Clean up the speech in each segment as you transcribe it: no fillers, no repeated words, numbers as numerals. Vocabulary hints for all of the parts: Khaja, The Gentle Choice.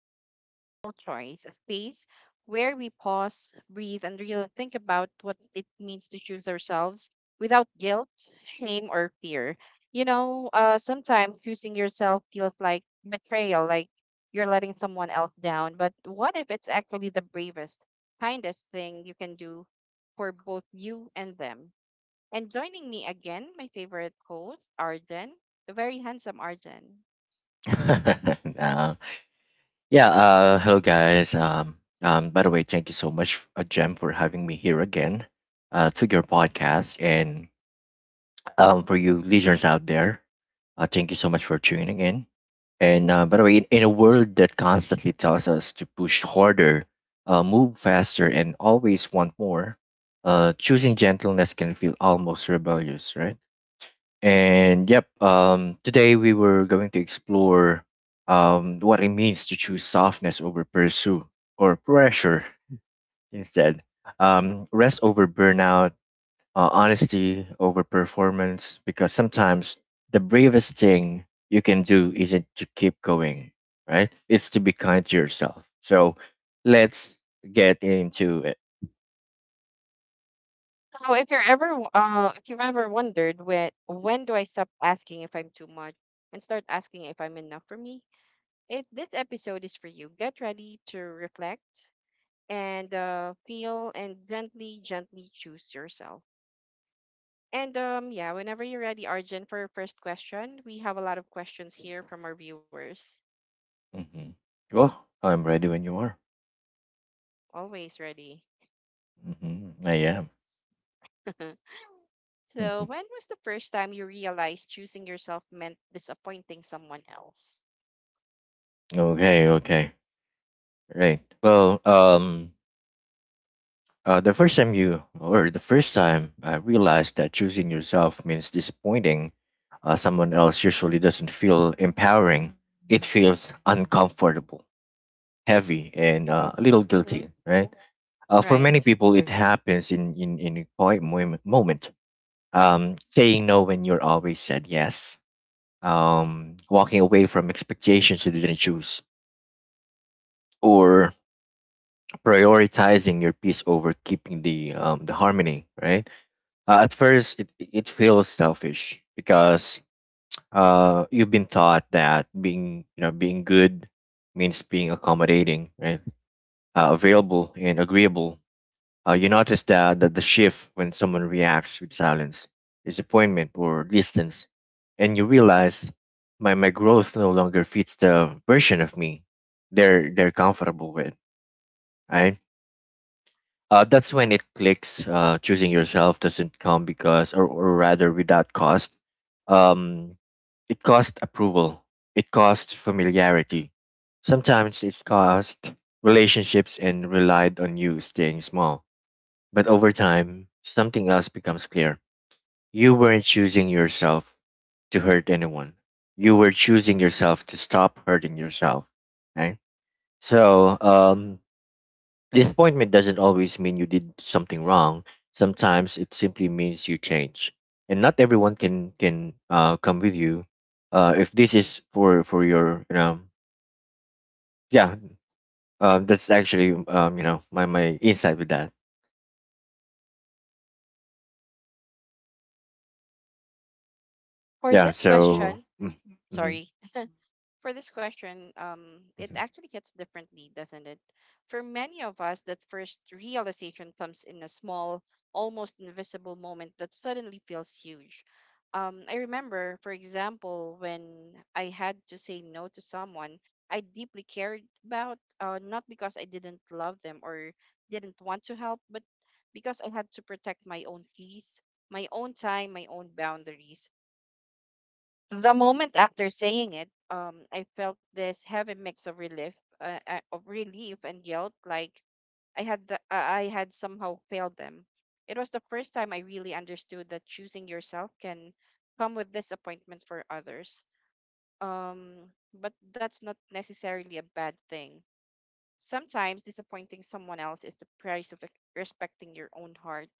to The Gentle Choice, a space where we pause, breathe, and really think about what it means to choose ourselves without guilt, shame, or fear. Sometimes choosing yourself feels like betrayal, like you're letting someone else down. But what if it's actually the bravest, kindest thing you can do for both you and them? And joining me again, my favorite host, Arjen, the very handsome Arjen. Nah. Yeah, hello guys. By the way, thank you so much, Jem, for having me here again to your podcast. And For you listeners out there, thank you so much for tuning in. And by the way, in a world that constantly tells us to push harder, move faster, and always want more, choosing gentleness can feel almost rebellious, right? And yep, today we were going to explore what it means to choose softness over pursue or pressure instead, rest over burnout, honesty over performance, because sometimes the bravest thing you can do isn't to keep going, right? It's to be kind to yourself. So let's get into it. So if you're ever if you've ever wondered, when do I stop asking if I'm too much and start asking if I'm enough for me, it this episode is for you. Get ready to reflect and feel and gently choose yourself. And yeah, whenever you're ready, Arjun, for your first question. We have a lot of questions here from our viewers. hmm Well, I'm ready when you are. Always ready. I am. So when was the first time you realized choosing yourself meant disappointing someone else? Okay, okay. Right. The first time I realized that choosing yourself means disappointing someone else usually doesn't feel empowering. It feels uncomfortable, heavy, and Right. a little Mm-hmm. guilty, right? For many Right. people, it happens in a quiet moment. Saying no when you're always said yes, walking away from expectations you didn't choose, or prioritizing your peace over keeping the harmony, right? At first, it feels selfish because you've been taught that being you know being good means being accommodating, right? Available and agreeable. You notice that the shift when someone reacts with silence, disappointment, or distance, and you realize my growth no longer fits the version of me they're comfortable with, right? That's when it clicks. Choosing yourself doesn't come because, or rather, without cost. Um, it costs approval. It costs familiarity. Sometimes it cost relationships and relied on you staying small. But over time, something else becomes clear. You weren't choosing yourself to hurt anyone. You were choosing yourself to stop hurting yourself. Right? So disappointment doesn't always mean you did something wrong. Sometimes it simply means you change, and not everyone can come with you. If this is for your. Yeah, that's actually my insight with that. For Yeah, this so question, mhm, sorry, for this question, it mhm, actually hits differently, doesn't it? For many of us, that first realization comes in a small, almost invisible moment that suddenly feels huge. I remember, for example, when I had to say no to someone I deeply cared about, not because I didn't love them or didn't want to help, but because I had to protect my own peace, my own time, my own boundaries. The moment after saying it, I felt this heavy mix of relief and guilt, like I had somehow failed them. It was the first time I really understood that choosing yourself can come with disappointment for others. But that's not necessarily a bad thing. Sometimes disappointing someone else is the price of respecting your own heart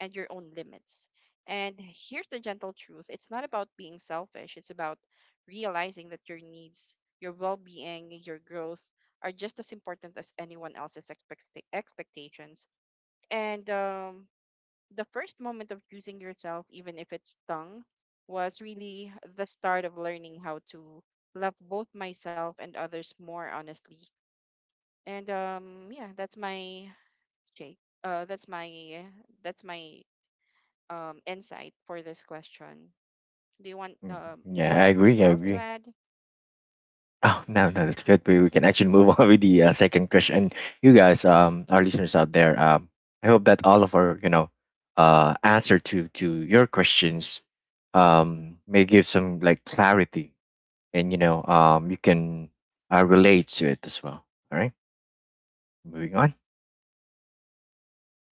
and your own limits. And here's the gentle truth: it's not about being selfish, it's about realizing that your needs, your well being, your growth are just as important as anyone else's expectations. And the first moment of choosing yourself, even if it's stung, was really the start of learning how to love both myself and others more honestly. And yeah, that's my Jake. Uh, that's my that's my insight for this question. Do you want mhm. um? Do you Yeah, have I anything agree, I else to agree. add? Oh no, no, that's good. We can actually move on with the second question. You guys, our listeners out there, I hope that all of our, you know, answer to your questions, may give some like clarity, and you know, you can relate to it as well. All right, moving on.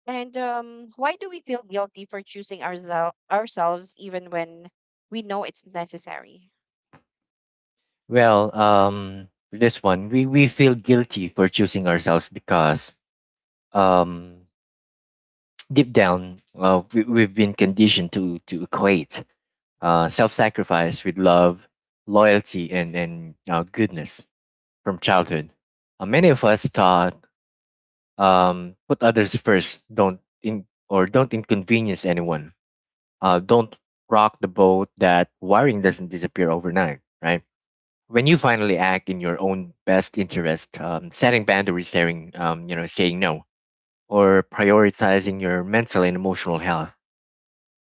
And why do we feel guilty for choosing ourselves even when we know it's necessary? Well, for this one, we feel guilty for choosing ourselves because um, deep down, we've been conditioned to equate self sacrifice with love, loyalty, and goodness from childhood. Many of us taught put others first, don't in, or don't inconvenience anyone, don't rock the boat, that wiring doesn't disappear overnight, right? When you finally act in your own best interest, setting boundaries, saying, you know, saying no, or prioritizing your mental and emotional health,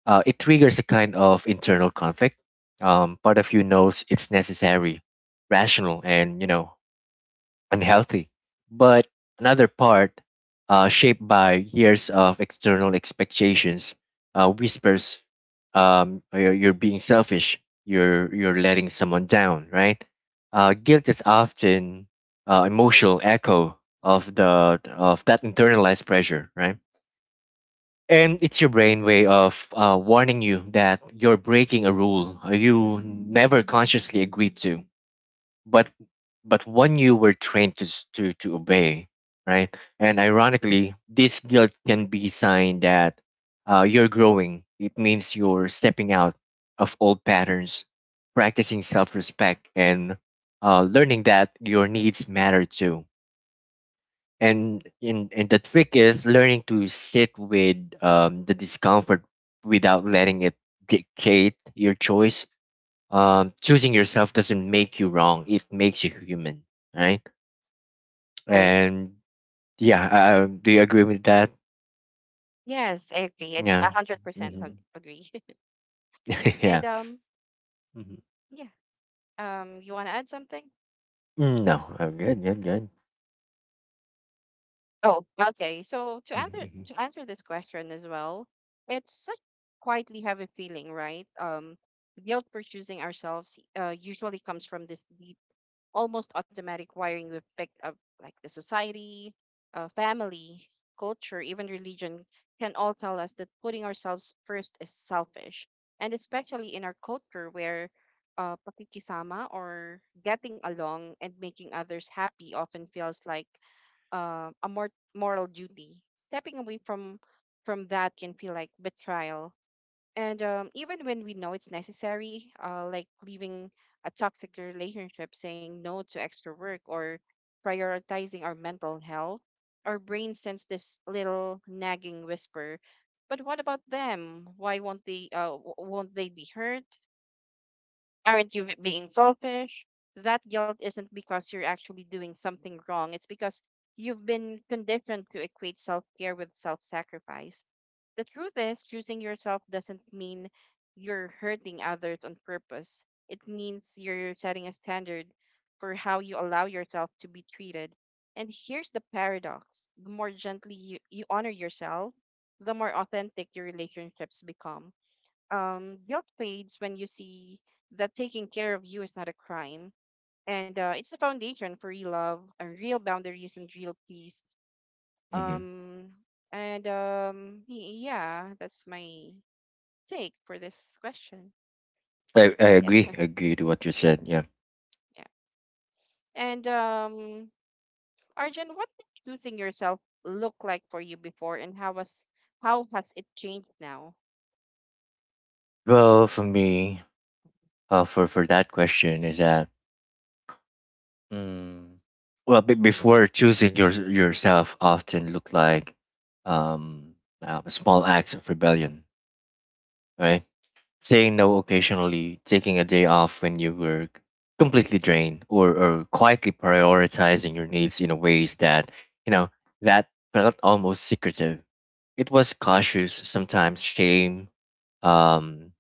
It triggers a kind of internal conflict. Part of you knows it's necessary, rational, and you know unhealthy, but another part, shaped by years of external expectations, whispers, "You're being selfish. You're letting someone down." Right? Guilt is often emotional echo of the of that internalized pressure. Right? And it's your brain way of warning you that you're breaking a rule you never consciously agreed to, but but one you were trained to to obey, right? And ironically, this guilt can be a sign that you're growing. It means you're stepping out of old patterns, practicing self-respect, and learning that your needs matter too, and the trick is learning to sit with the discomfort without letting it dictate your choice. Um, choosing yourself doesn't make you wrong, it makes you human, right? Right? and yeah Do you agree with that? Yes, I agree. It's Yeah. 100% Hmm. Agree. Yeah. and Mhm. Yeah. You want to add something? Mm, no, I'm good, good, good. Oh, okay. So to Mm-hmm. Answer this question as well, it's such quietly heavy feeling, right? Guilt for choosing ourselves, usually comes from this deep, almost automatic wiring we've picked up, like the society, family, culture, even religion can all tell us that putting ourselves first is selfish, and especially in our culture where pakikisama, or getting along and making others happy, often feels like a more moral duty. Stepping away from that can feel like betrayal. And even when we know it's necessary, like leaving a toxic relationship, saying no to extra work, or prioritizing our mental health, our brain sends this little nagging whisper. But what about them? Why won't they? Won't they be hurt? Aren't you being selfish? That guilt isn't because you're actually doing something wrong. It's because you've been conditioned to equate self care with self sacrifice. The truth is, choosing yourself doesn't mean you're hurting others on purpose. It means you're setting a standard for how you allow yourself to be treated. And here's the paradox: the more gently you honor yourself, the more authentic your relationships become. Guilt fades when you see that taking care of you is not a crime. And it's the foundation for real love, and real boundaries, and real peace. Hmm. Um, yeah, that's my take for this question. I agree, Yeah, agree to what you said. Yeah, yeah. And Arjun, what did choosing yourself look like for you before, and how has it changed now? well for me, for that question is that, Mm. well, be before choosing your yourself often look like um, small acts of rebellion, right? Saying no occasionally, taking a day off when you were completely drained, or quietly prioritizing your needs in a ways that you know that felt almost secretive. It was cautious, sometimes shame, um,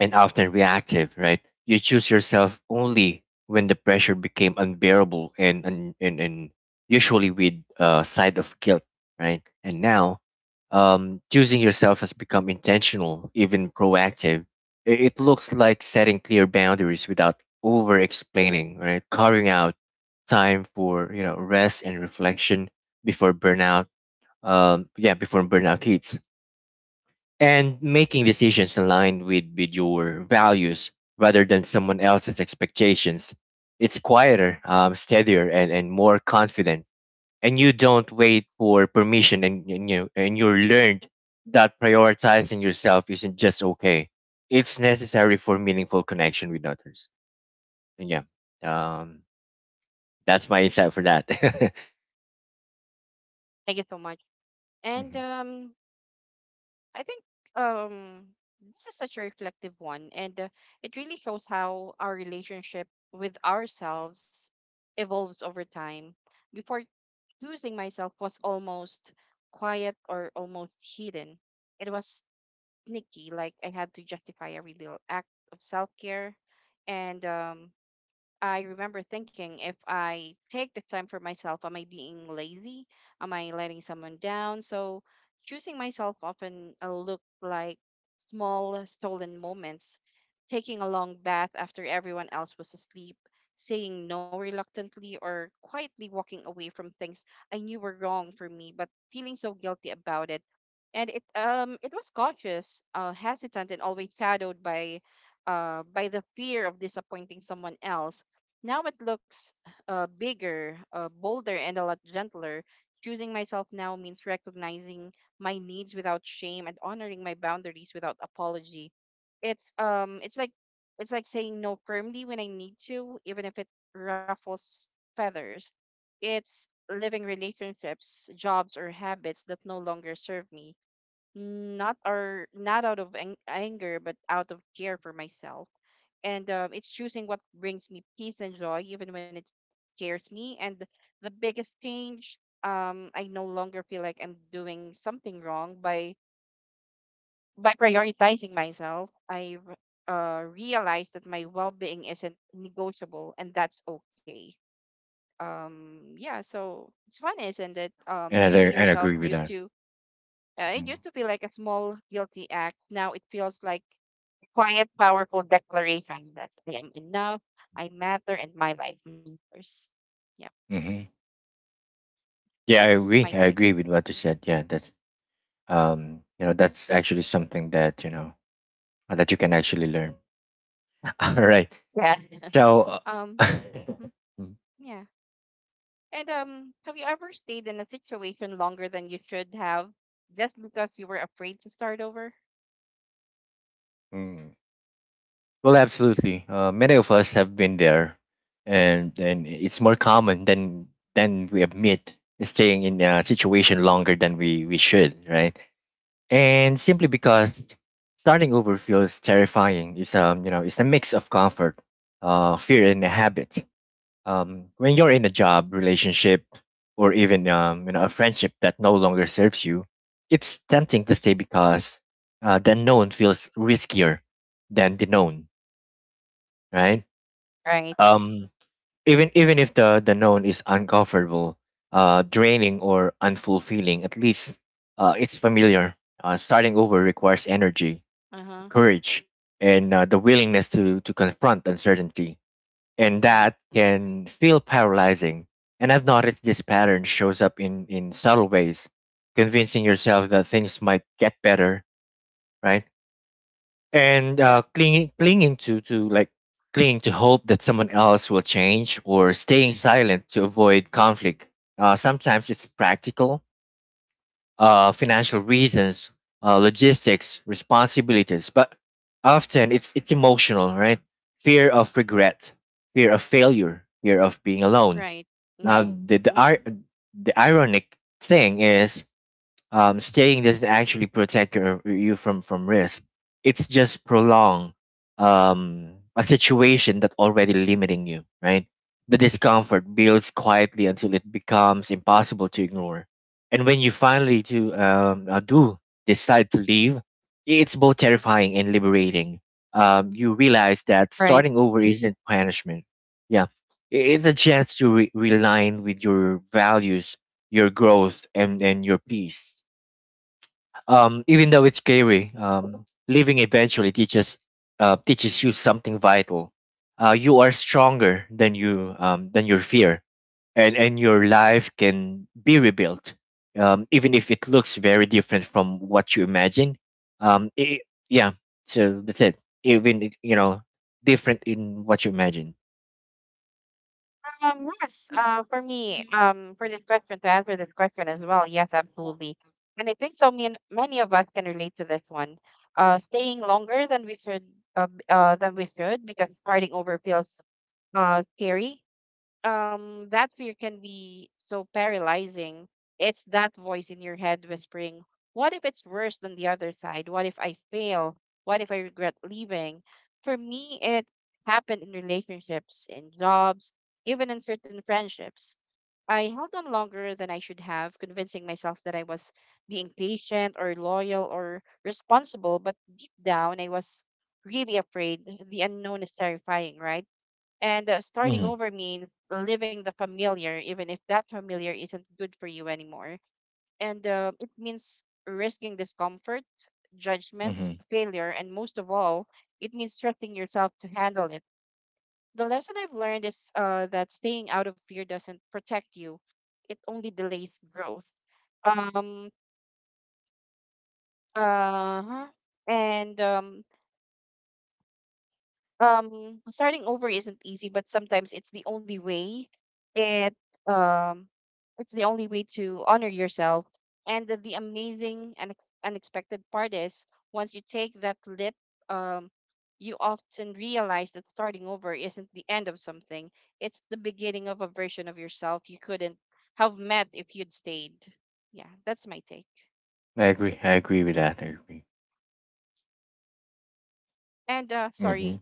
and often reactive, right? You choose yourself only when the pressure became unbearable, and usually with a side of guilt, right? And now, choosing yourself has become intentional, even proactive. It looks like setting clear boundaries without over explaining, right? Carving out time for you know rest and reflection before burnout. Yeah, before burnout hits, and making decisions aligned with your values rather than someone else's expectations. It's quieter, steadier, and more confident. And you don't wait for permission, and you learned that prioritizing yourself isn't just okay; it's necessary for meaningful connection with others. And yeah, um, that's my insight for that. Thank you so much. And Mhm. I think um this is such a reflective one, and it really shows how our relationship with ourselves evolves over time. Before, choosing myself was almost quiet or almost hidden. It was sneaky, like I had to justify every little act of self care, and I remember thinking, if I take the time for myself, am I being lazy? Am I letting someone down? So choosing myself often looked like small stolen moments, taking a long bath after everyone else was asleep, saying no reluctantly, or quietly walking away from things I knew were wrong for me, but feeling so guilty about it. And it was cautious, hesitant, and always shadowed by the fear of disappointing someone else. Now it looks bigger, bolder, and a lot gentler. Choosing myself now means recognizing my needs without shame and honoring my boundaries without apology. It's um, it's like it's like saying no firmly when I need to, even if it ruffles feathers. It's living relationships, jobs, or habits that no longer serve me, not out of anger but out of care for myself. And it's choosing what brings me peace and joy even when it scares me. And the biggest change, I no longer feel like I'm doing something wrong by prioritizing myself. I realized that my well-being isn't negotiable, and that's okay. Yeah, so it's fun, isn't it? And I, Choosing and I yourself agree with used that. to, it used Mhm. to be like a small guilty act. Now it feels like a quiet, powerful declaration that I am enough, I matter, and my life matters. Yeah, Mhm. Yeah, I that's my agree. I take. agree with what you said. Yeah, that's you know that's actually something that you know that you can actually learn. All right, Yeah. so Um, uh, mhm, Mm. yeah. And have you ever stayed in a situation longer than you should have just because you were afraid to start over? Mm. Well, absolutely, many of us have been there, and it's more common than we admit, staying in a situation longer than we should, right? And simply because starting over feels terrifying. It's you know it's a mix of comfort, fear, and a habit. When you're in a job relationship or even you know a friendship that no longer serves you, it's tempting to stay because the known feels riskier than the known, right? Right. Um, even if the known is uncomfortable, draining or unfulfilling, at least it's familiar. Uh, starting over requires energy, Uh huh. courage, and the willingness to confront uncertainty, and Right. that can feel paralyzing. And I've noticed this pattern shows up in subtle ways, convincing yourself that things might get better, right? And Yeah. Clinging to hope that someone else will change, or staying silent to avoid conflict. Sometimes it's practical, financial reasons, logistics, responsibilities, but often it's emotional, right? Fear of regret, fear of failure, fear of being alone. Right. Now Mm-hmm. the ironic thing is staying doesn't actually protect you from risk. It's just prolong a situation that already limiting you. Right. The discomfort builds quietly until it becomes impossible to ignore. And when you finally to do decide to leave, it's both terrifying and liberating. You realize that starting over isn't punishment. Yeah, it's a chance to realign with your values, your growth, and your peace. Um, even though it's scary, living eventually teaches you something vital. You are stronger than you than your fear, and your life can be rebuilt, even if it looks very different from what you imagine. I Yeah, so that's it. Even if, you know, different in what you imagine. Yes, for me, for this question, to answer this question as well, yes, absolutely. And I think so many, many of us can relate to this one. Staying longer than we should, than we should, because starting over feels scary. That fear can be so paralyzing. It's that voice in your head whispering, "What if it's worse than the other side? What if I fail? What if I regret leaving?" For me, it happened in relationships, in jobs, even in certain friendships. I held on longer than I should have, convincing myself that I was being patient or loyal or responsible, but deep down I was really afraid. The unknown is terrifying, right? And starting Mm-hmm, over means living the familiar, even if that familiar isn't good for you anymore. And it means risking discomfort, judgment, mm-hmm. failure, and most of all, it means trusting yourself to handle it. The lesson I've learned is that staying out of fear doesn't protect you, it only delays growth. Um, uh And starting over isn't easy, but sometimes it's the only way. it um it's the only way to honor yourself. And the amazing and unexpected part is, once you take that leap, um you often realize that starting over isn't the end of something, it's the beginning of a version of yourself you couldn't have met if you'd stayed. Yeah, that's my take. I agree. I agree with that. I agree. And Mm-hmm, Sorry.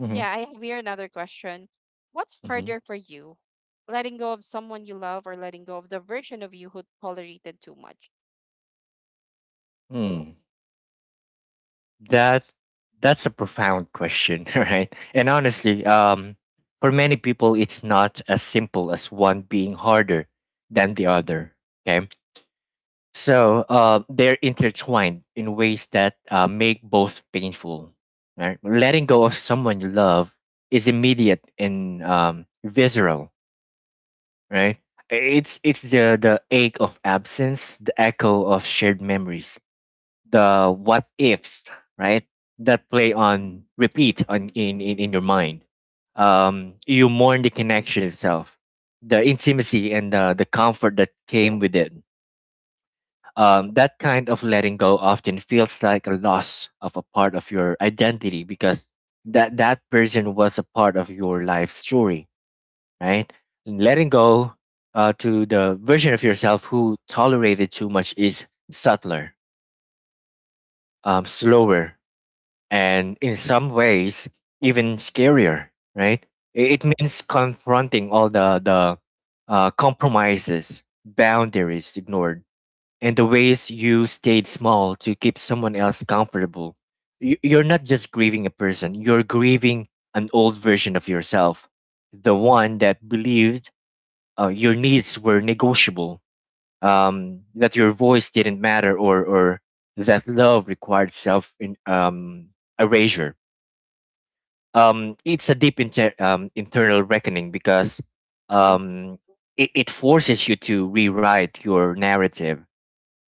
mm-hmm, Yeah, I have here another question. What's harder for you? Letting go of someone you love, or letting go of the version of you who tolerated too much? mm-hmm. That that's a profound question, right? And honestly, for many people, it's not as simple as one being harder than the other. Okay, so they're intertwined in ways that make both painful. Right, letting go of someone you love is immediate and visceral. Right, it's the ache of absence, the echo of shared memories, the what ifs, right? That play on repeat in your mind. You mourn the connection itself, the intimacy and the comfort that came with it. That kind of letting go often feels like a loss of a part of your identity because that person was a part of your life story, right? And letting go to the version of yourself who tolerated too much is subtler, slower, and in some ways even scarier, right? It means confronting all the compromises, boundaries ignored, and the ways you stayed small to keep someone else comfortable. You're not just grieving a person, you're grieving an old version of yourself, the one that believed your needs were negotiable, that your voice didn't matter, or that love required self erasure. Um, it's a deep internal reckoning because Uh-huh. um, it forces you to rewrite your narrative.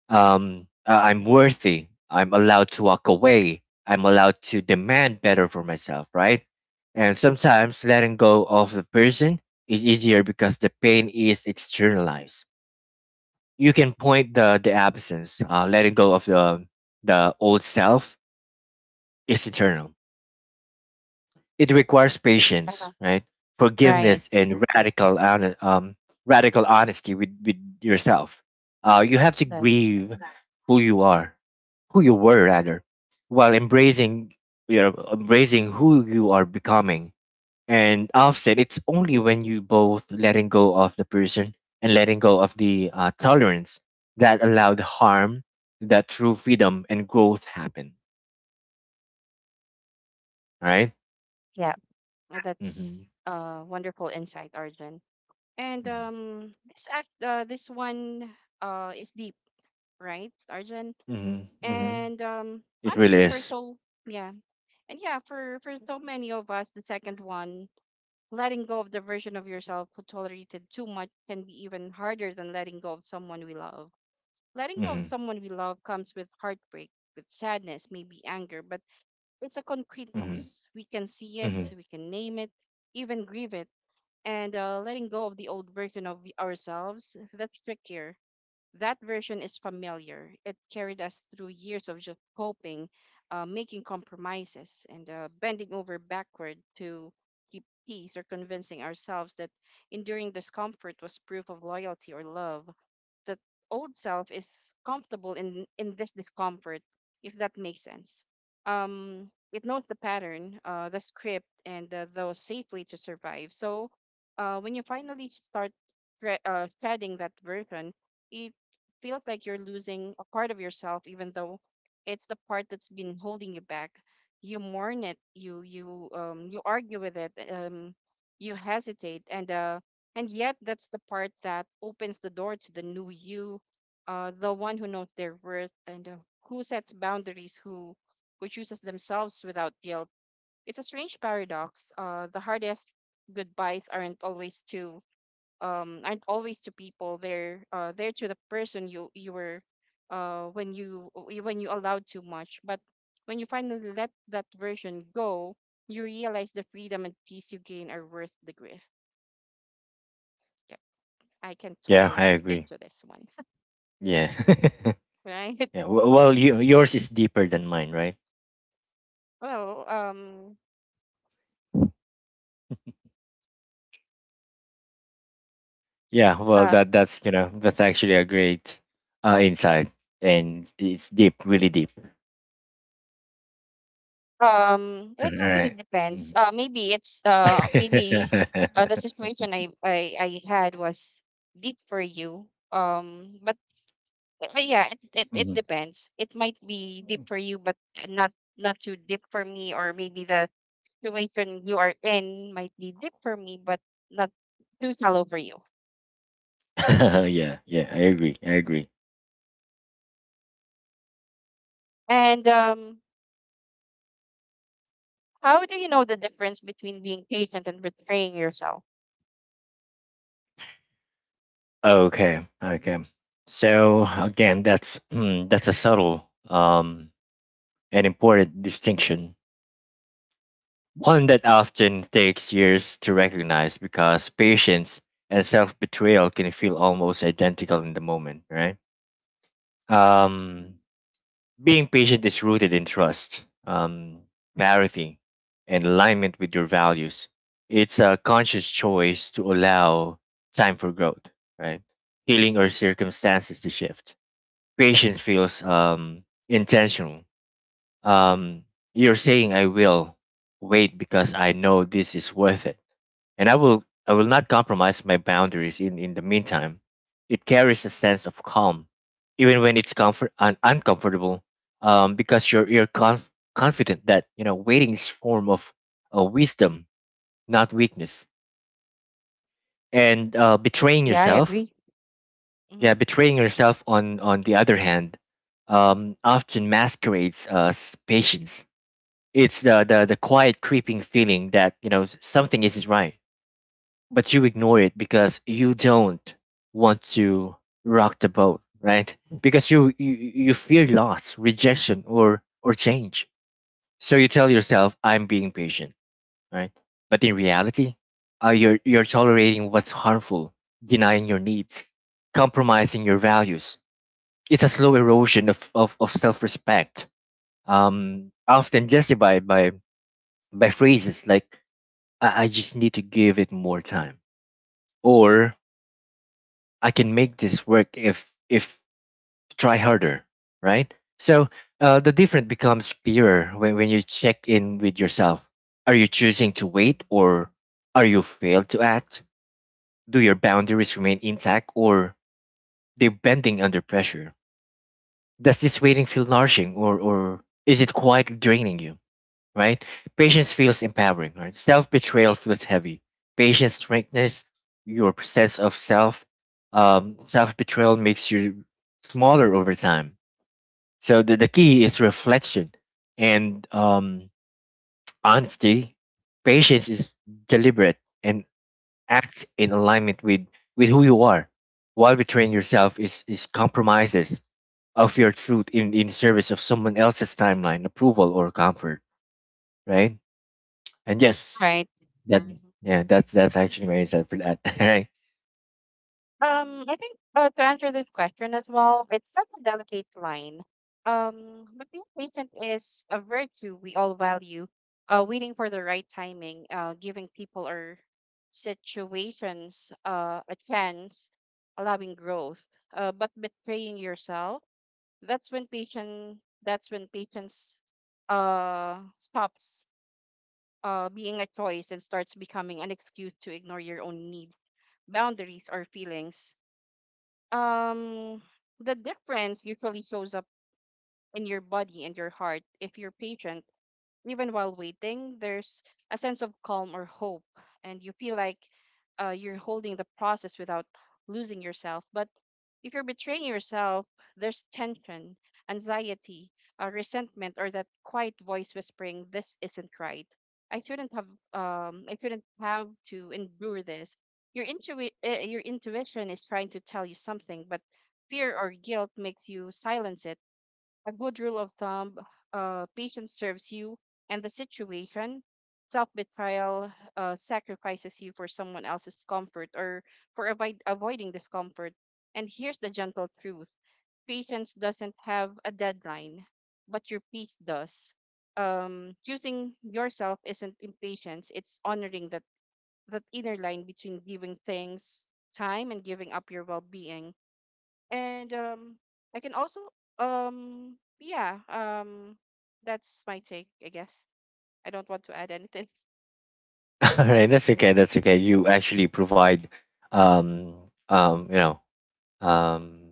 I'm worthy. I'm allowed to walk away. I'm allowed to demand better for myself, right? And sometimes letting go of the person is easier because the pain is externalized. You can point the absence. Letting go of the old self is eternal. It requires patience, Uh-huh. right? Right. Forgiveness and radical honesty with yourself. You have to That's right. grieve who you are, who you Hmm. were rather, while embracing embracing who you are becoming. And often it's only when you both letting go of the person and letting go of the tolerance that allowed harm, that true freedom and growth happen. All right. Yeah. Mm-hmm. that's a wonderful insight, Arjun. And Mm-hmm. This act, this one, is deep, right, Arjun? Mm-hmm. Mm-hmm. And It honestly, really for is. so— yeah, and yeah, for so many of us, the second one— letting go of the version of yourself who tolerated too much can be even harder than letting go of someone we love. Letting go of Hmm someone we love comes with heartbreak, with sadness, maybe anger, but it's a concrete hmm loss. We can see it, hmm we can name it, even grieve it. And letting go of the old version of ourselves, that's trickier. That version is familiar. It carried us through years of just coping, making compromises, and bending over backward to keep peace or convincing ourselves that enduring discomfort was proof of loyalty or love that Old self is comfortable in this discomfort, if that makes sense. It knows the pattern, the script, and the safe way to survive. So when you finally start threading that version, it feels like you're losing a part of yourself, even though it's the part that's been holding you back. You mourn it, you, you argue with it, you hesitate, and yet, that's the part that opens the door to the new you, the one who knows their worth, and who sets boundaries, who chooses themselves without guilt. It's a strange paradox. The hardest goodbyes aren't always to people. They're to the person you were, when you allowed too much. But when you finally let that version go, you realize the freedom and peace you gain are worth the grief. I can Yeah, totally I relate agree. to this one, Yeah, right? yeah. Well, yours is deeper than mine, right? Well, Yeah. Well, uh, that's that's actually a great insight, and it's deep, really deep. All it actually right. depends. Mm. Maybe it's maybe the situation I had was deep for you. But Yeah, it Mhm. depends. It might be deep for you, but not not too deep for me. Or maybe the situation you are in might be deep for me, but not too shallow for you. Yeah, yeah. I agree. I agree. And How do you know the difference between being patient and betraying yourself? Okay, okay. So again, that's that's a subtle and important distinction, one that often takes years to recognize because patience and self betrayal can feel almost identical in the moment, right? Um, Being patient is rooted in trust, clarity, and alignment with your values. It's a conscious choice to allow time for growth, right? Healing or circumstances to shift. Patience feels intentional. Um, you're saying, I will wait because I know this is worth it, and I will not compromise my boundaries in the meantime. It carries a sense of calm, even when it's uncomfortable, because you're confident that waiting is form of wisdom, not weakness. And betraying Yeah, I yourself, agree. Mm-hmm. yeah, betraying yourself on the other hand, often masquerades as patience. It's the quiet creeping feeling that something isn't right, but you ignore it because you don't want to rock the boat, right? Because you fear loss, rejection, or change, so you tell yourself I'm being patient, right? But in reality, you're tolerating what's harmful, denying your needs, compromising your values. It's a slow erosion of self-respect, often justified by phrases like, I just need to give it more time, or I can make this work if try harder, right? So the difference becomes clearer when you check in with yourself. Are you choosing to wait, or are you failed to act? Do your boundaries remain intact, or they bending under pressure? Does this waiting feel nourishing, or is it quite draining you? Right? Patience feels empowering, right? Self betrayal feels heavy. Patience strengthens your sense of self. Self betrayal makes you smaller over time. So the key is reflection and honesty. Patience is deliberate and acts in alignment with who you are. While betraying yourself is compromises of your truth in service of someone else's timeline, approval, or comfort, right? And yes, Right. that Mhm. Mhm. Yeah, that's actually my answer for that. Right, I think to answer this question as well, it's such a delicate line. But being patient is a virtue we all value. Waiting for the right timing, giving people or situations a chance, allowing growth. But betraying yourself, that's when patient. That's when patience stops being a choice and starts becoming an excuse to ignore your own needs, boundaries, or feelings. Um, the difference usually shows up in your body and your heart. If you're patient, even while waiting, there's a sense of calm or hope, and you feel like you're holding the process without losing yourself. But if you're betraying yourself, there's tension, anxiety, resentment, or that quiet voice whispering, "This isn't right. I shouldn't have. I shouldn't have to endure this." Your intuition is trying to tell you something, but fear or guilt makes you silence it. A good rule of thumb: patience serves you and the situation. Self betrayal sacrifices you for someone else's comfort or for avoiding discomfort. And here's the gentle truth: patience doesn't have a deadline, but your peace does. Choosing yourself isn't impatience, it's honoring that, that inner line between giving things time and giving up your well being. And I can also um yeah um that's my take, I guess. I don't want to add anything. all right, that's okay, that's okay. You actually provide, um, um, you know, um,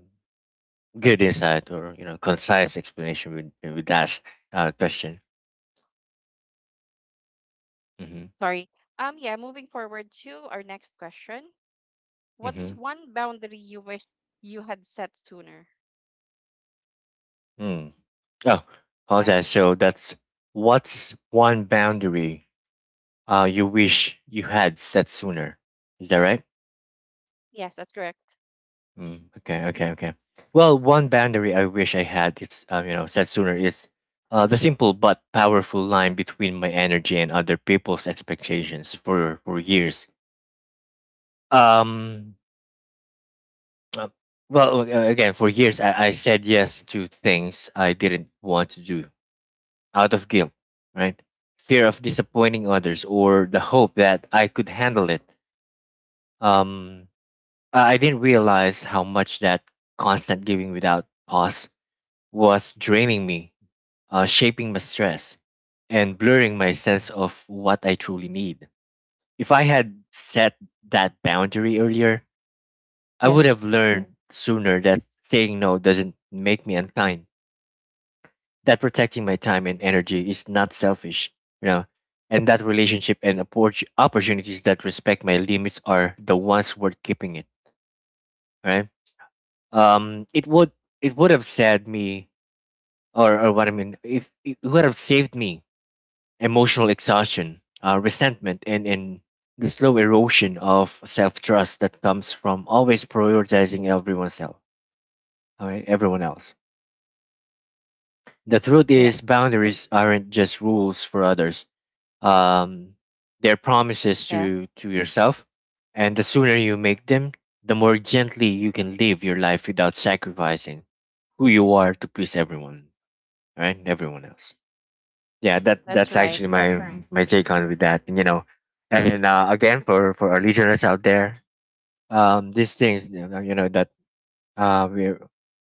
good insight or you know, concise explanation with that question. Mm-hmm. Sorry. Yeah, moving forward to our next question: what's Mm-hmm. one boundary you wish you had set sooner? Mm. Oh, Yeah. apologize. So that's what's one boundary you wish you had set sooner? Is that right? Yes, that's correct. Mm, okay, okay, okay. Well, one boundary I wish I had, it's said sooner is the simple but powerful line between my energy and other people's expectations for years. Um, uh, Again, for years I said yes to things I didn't want to do out of guilt, right? Fear of disappointing others or the hope that I could handle it. Um, I didn't realize how much that constant giving without pause was draining me, shaping my stress, and blurring my sense of what I truly need. If I had set that boundary earlier, I Yeah. would have learned sooner that saying no doesn't make me unkind, that protecting my time and energy is not selfish, you know, and that relationship and opportunities that respect my limits are the ones worth keeping it, right? It would it would have said me, or what I mean, if it would have saved me emotional exhaustion, resentment, and the slow erosion of self trust that comes from always prioritizing everyone else. All right, everyone else. The truth Yeah. is, boundaries aren't just rules for others. Um, they're promises Yeah. to yourself, and the sooner you make them, the more gently you can live your life without sacrificing who you are to please everyone, right? Everyone else. Yeah, That's that's right. actually my Mhm. my take on with that, and you know, and again for our listeners out there, these things, you know, that we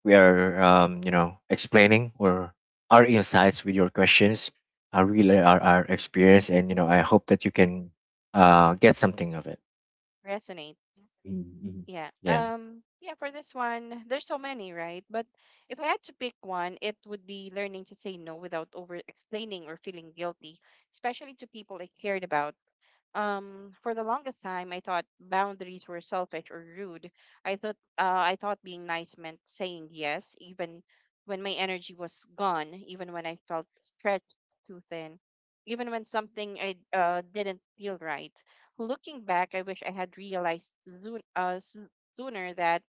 are explaining or our insights with your questions are Yeah. really our experience, and you know I hope that you can get something of it. Resonate. Hmm. Yeah. Yeah. Yeah, for this one, there's so many, right? But if I had to pick one, it would be learning to say no without over explaining or feeling guilty, especially to people I cared about. For the longest time, I thought boundaries were selfish or rude. I thought being nice meant saying yes, even when my energy was gone, even when I felt stretched too thin, even when something I didn't feel right. Looking back, I wish I had realized sooner that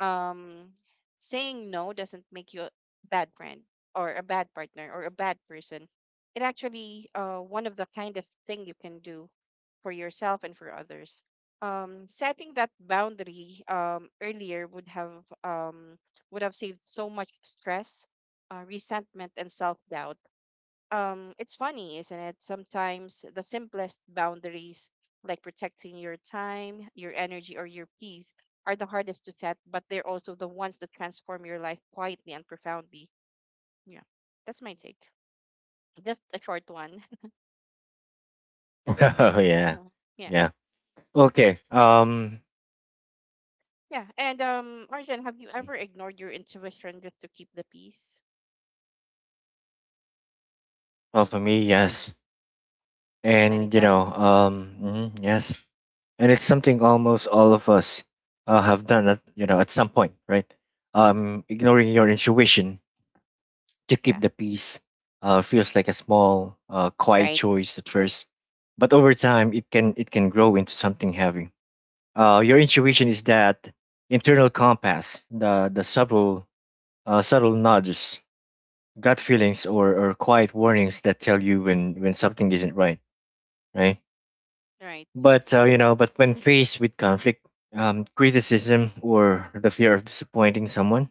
um saying no doesn't make you a bad friend, or a bad partner, or a bad person. It actually one of the kindest thing you can do for yourself and for others. Setting that boundary earlier um would have saved so much stress, resentment, and self-doubt. It's funny, isn't it? Sometimes the simplest boundaries, like protecting your time, your energy, or your peace, are the hardest to set, but they're also the ones that transform your life quietly and profoundly. Yeah, that's my take. Just a short one. Oh yeah. Yeah. Yeah. Okay. Yeah. and Arjun, have you ever ignored your intuition just to keep the peace? Well, for me, yes. Many And you know, times. Mhm, yes. And it's something almost all of us have done at you know at some point, right? Ignoring your intuition to keep Yeah. the peace feels like a small quiet Right. choice at first, but over time it can grow into something heavy. Your intuition is that internal compass, the subtle nudges, gut feelings, or quiet warnings that tell you when something isn't right, right? Right. But but when faced with conflict, criticism, or the fear of disappointing someone,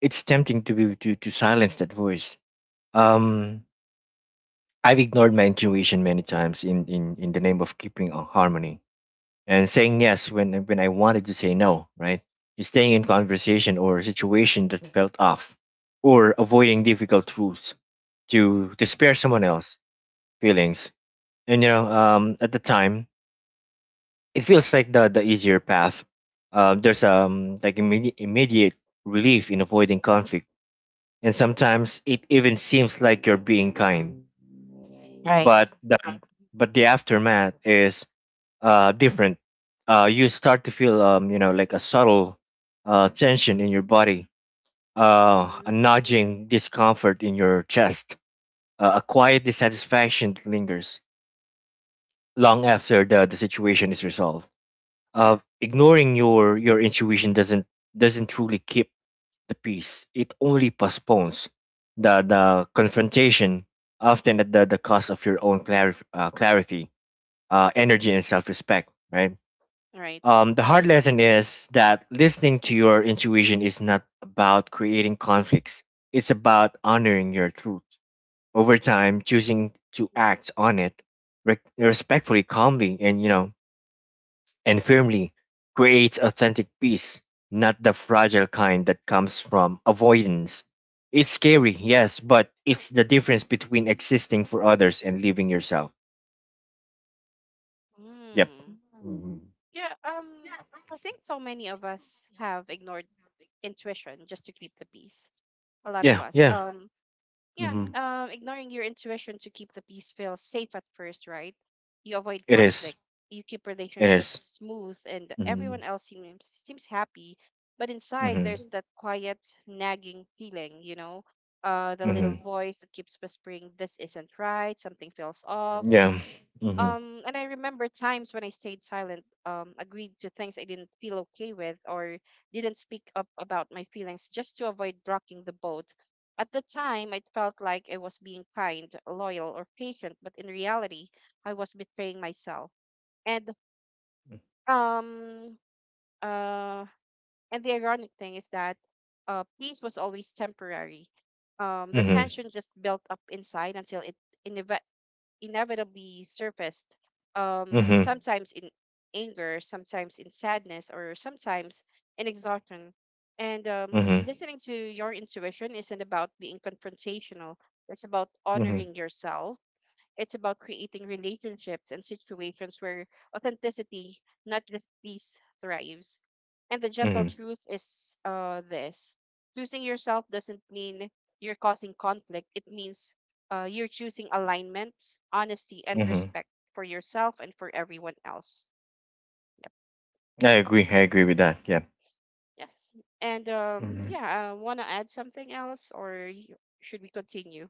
it's tempting to to silence that voice. Um, I've ignored my intuition many times in the name of keeping a harmony and saying yes when I wanted to say no, right? Staying in conversation or situation that felt off, or avoiding difficult truths to spare someone else feelings. And you know, at the time, it feels like the easier path. There's like immediate relief in avoiding conflict, and sometimes it even seems like you're being kind. Right. But the but the aftermath is different. You start to feel like a subtle tension in your body, Mm-hmm. a nudging discomfort in your chest, a quiet dissatisfaction that lingers long after the situation is resolved. Ignoring your intuition doesn't truly keep the peace. It only postpones the confrontation, often at the cost of your own clarity, energy, and self respect. Right. Right. The hard lesson is that listening to your intuition is not about creating conflicts. It's about honoring your truth. Over time, Mm-hmm. choosing to act on it respectfully, calmly, and you know and firmly, creates authentic peace, not the fragile kind that comes from avoidance. It's scary, yes, but it's the difference between existing for others and living yourself. Yep. Hmm. Mhm. Yeah, I think so many of us have ignored intuition just to keep the peace. A lot of Yeah, us. yeah. Yeah, Mm-hmm. Ignoring your intuition to keep the peace feels safe at first, right? You avoid It is. conflict, you keep It relationships is. smooth, and everyone Mm-hmm. else seems happy. But inside, Mm-hmm. there's that quiet, nagging feeling, you know, the little Mm-hmm. voice that keeps whispering, "This isn't right. Something feels off." Yeah. Mm-hmm. And I remember times when I stayed silent, agreed to things I didn't feel okay with, or didn't speak up about my feelings just to avoid rocking the boat. At the time, it felt like I was being kind, loyal, or patient, but in reality, I was betraying myself. And um, uh, and the ironic thing is that peace was always temporary. The Mm-hmm. tension just built up inside until it inev- inevitably surfaced, Mm-hmm. sometimes in anger, sometimes in sadness, or sometimes in exhaustion. And Mm-hmm. listening to your intuition isn't about being confrontational, it's about Mm-hmm. honoring yourself. It's about creating relationships and situations where authenticity, not just peace, thrives. And the gentle Mm-hmm. truth is this: choosing yourself doesn't mean you're causing conflict, it means you're choosing alignment, honesty, and Mm-hmm. respect for yourself and for everyone else. Yep, I agree. I that's agree my with take. that. Yeah. Yes. And Mm-hmm. yeah, want to add something else, or y- should we continue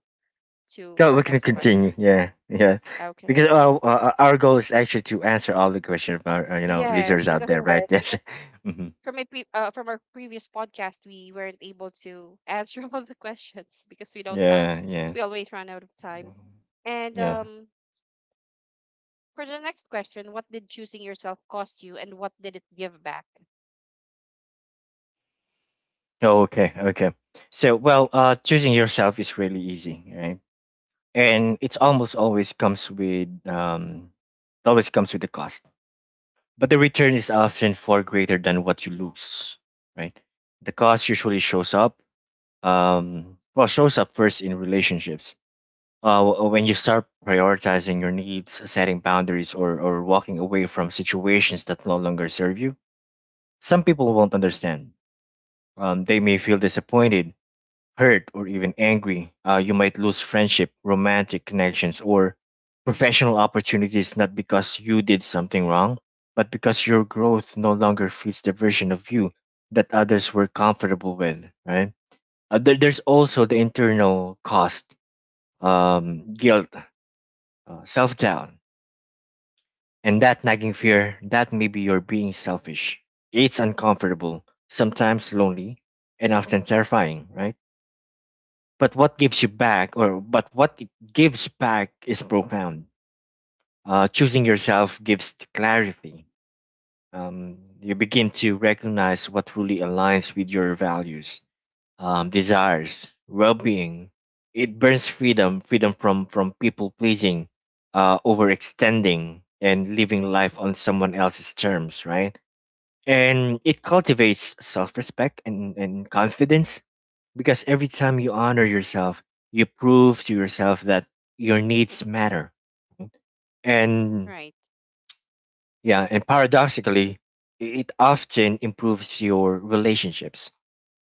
to Go. our We can next continue. question? Yeah, yeah. Okay. Because our goal is actually to answer all the questions of our Yes, listeners out there, because right? Right. Yes. Hmm. From our previous podcast, we weren't able to answer all the questions because we don't have Yeah. we Yes. always run out of time. And Yeah. For the next question: what did choosing yourself cost you, and what did it give back? Oh, okay. Okay. So, well, choosing yourself is really easy, right? And it's almost always comes with it always comes with a cost, but the return is often far greater than what you lose, right? The cost usually shows up, shows up first in relationships when you start prioritizing your needs, setting boundaries, or walking away from situations that no longer serve you, some people won't understand. They may feel disappointed, hurt, or even angry. You might lose friendship, romantic connections, or professional opportunities not because you did something wrong, but because your growth no longer fits the version of you that others were comfortable with, right? There's also the internal cost, guilt, self doubt, and that nagging fear that maybe you're being selfish. It's uncomfortable, sometimes lonely, and often terrifying, right? But what gives you back, or but what it gives back is profound. Choosing yourself gives clarity. You begin to recognize what truly aligns with your values, desires, well-being. It burns freedom, freedom from people pleasing, overextending, and living life on someone else's terms, right? And it cultivates self-respect and confidence because every time you honor yourself you prove to yourself that your needs matter and Right, yeah and paradoxically it often improves your relationships.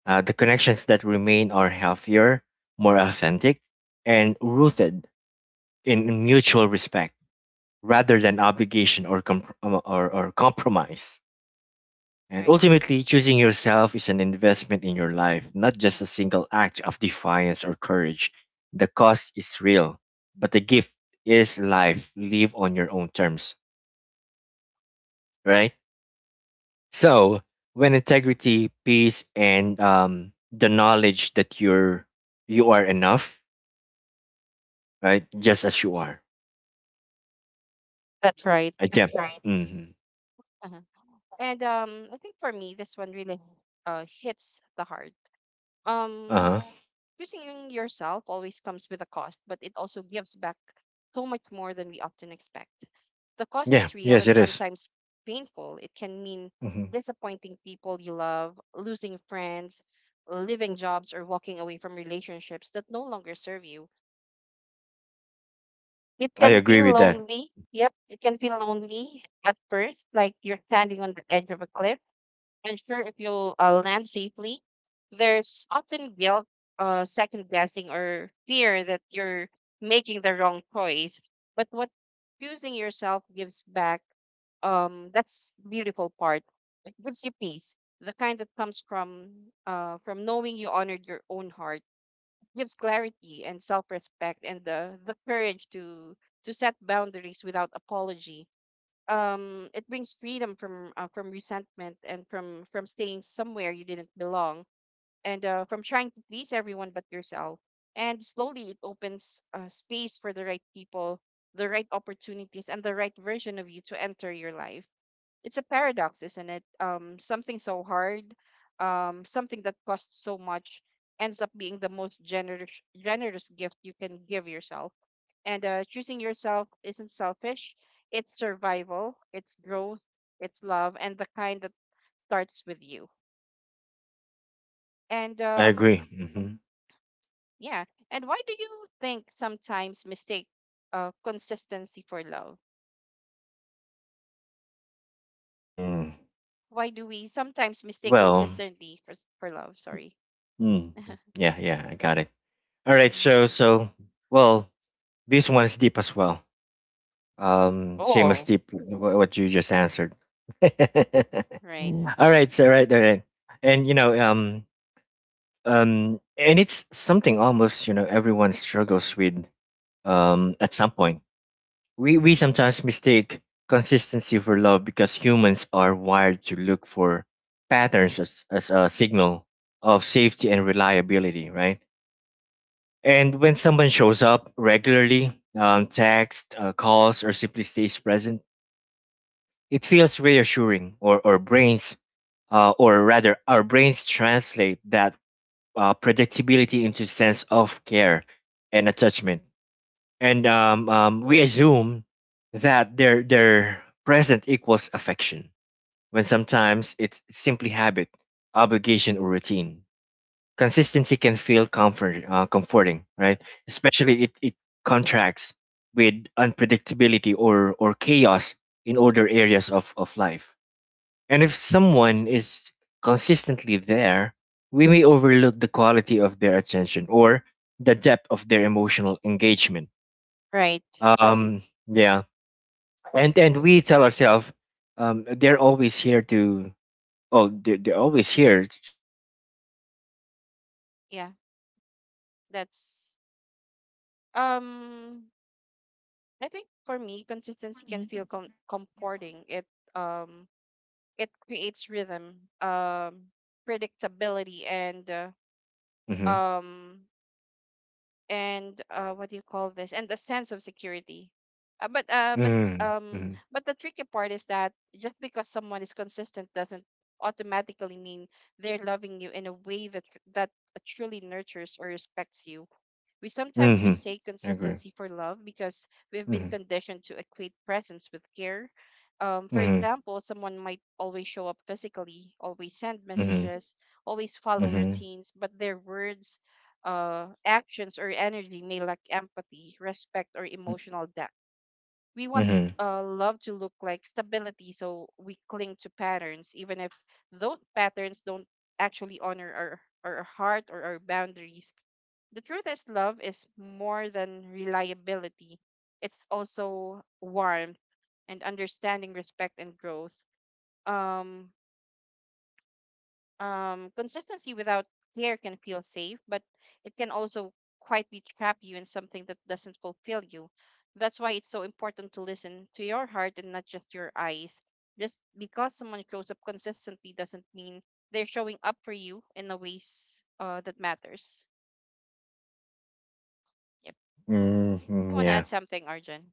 The connections that remain are healthier, more authentic, and rooted in mutual respect rather than obligation or compromise. And right. ultimately, choosing yourself is an investment in your life, not just a single act of defiance or courage. The cost is real, but the gift is life. Live on your own terms, right? So, when integrity, peace, and the knowledge that you are enough, right? Just as you are. That's right. I That's yeah. Mm-hmm. Uh-huh. And I think for me, this one really hits the heart. Uh Um, huh. Choosing yourself always comes with a cost, but it also gives back so much more than we often expect. The cost Yeah. is real, Yes, and it is. sometimes painful. It can mean Mm-hmm. disappointing people you love, losing friends, leaving jobs, or walking away from relationships that no longer serve you. It I can agree feel with that. lonely. Yep, it can feel lonely at first, like you're standing on the edge of a cliff unsure if you'll land safely. There's often guilt, second guessing, or fear that you're making the wrong choice. But what choosing yourself gives back, that's beautiful part. It gives you peace, the kind that comes from knowing you honored your own heart. It gives clarity and self-respect, and the courage to set boundaries without apology. It brings freedom from resentment, and from staying somewhere you didn't belong, and from trying to please everyone but yourself. And slowly, it opens space for the right people, the right opportunities, and the right version of you to enter your life. It's a paradox, isn't it? Something so hard, something that costs so much, ends up being the most generous generous gift you can give yourself. And choosing yourself isn't selfish; it's survival, it's growth, it's love, and the kind that starts with you. And I agree. Mm-hmm. yeah. And why do you think sometimes mistake consistency for love? Mm. Why do we sometimes mistake Well. consistency for for love? Sorry. Mm. Yeah. Yeah. I got it. All right, Mhm. so well, this one is deep as well. Same as Oh. deep what you just answered. All Right. right, so right, all right, and you know, and it's something almost you know everyone struggles with. At some point, we sometimes mistake consistency for love because humans are wired to look for patterns as a signal of safety and reliability, right? And when someone shows up regularly, text, calls, or simply stays present, it feels reassuring. Or our brains, or rather, our brains translate that predictability into sense of care and attachment. And we assume that their present equals affection, when sometimes it's simply habit, obligation, or routine. Consistency can feel comforting, right? Especially it contracts with unpredictability or chaos in other areas of life. And if someone is consistently there, we may overlook the quality of their attention or the depth of their emotional engagement. Right. Um, yeah. And we tell ourselves they're always here to they're always here so they must care Yeah. even if their That's actions. Mm-hmm. um I think for me consistency can feel comforting. It um it creates rhythm, predictability, Mm-hmm. um and what do you call this? And a sense of security. Uh, but uh but Mm-hmm. um Mm-hmm. but the tricky part is that just because someone is consistent doesn't automatically mean they're loving you in a way that that truly nurtures or respects you. We sometimes Hmm, mistake I agree. consistency for love because we've been Mm-hmm. conditioned to equate presence with care. For Mm-hmm. example, someone might always show up physically, always send Mm-hmm. messages, always follow Mm-hmm. routines, but their words, actions, or energy may lack empathy, respect, or emotional depth. We want Mm-hmm. Love to look like stability, so we cling to patterns, even if those patterns don't actually honor our heart or our boundaries. The truth is love is more than reliability. It's also warmth and understanding, respect and growth. um Consistency without care can feel safe, but it can also quietly trap you in something that doesn't fulfill you. That's why it's so important to listen to your heart and not just your eyes. Just because someone shows up consistently doesn't mean they're showing up for you in the ways that matters. Yep. You Hmm. want to Yeah. add something, Arjun?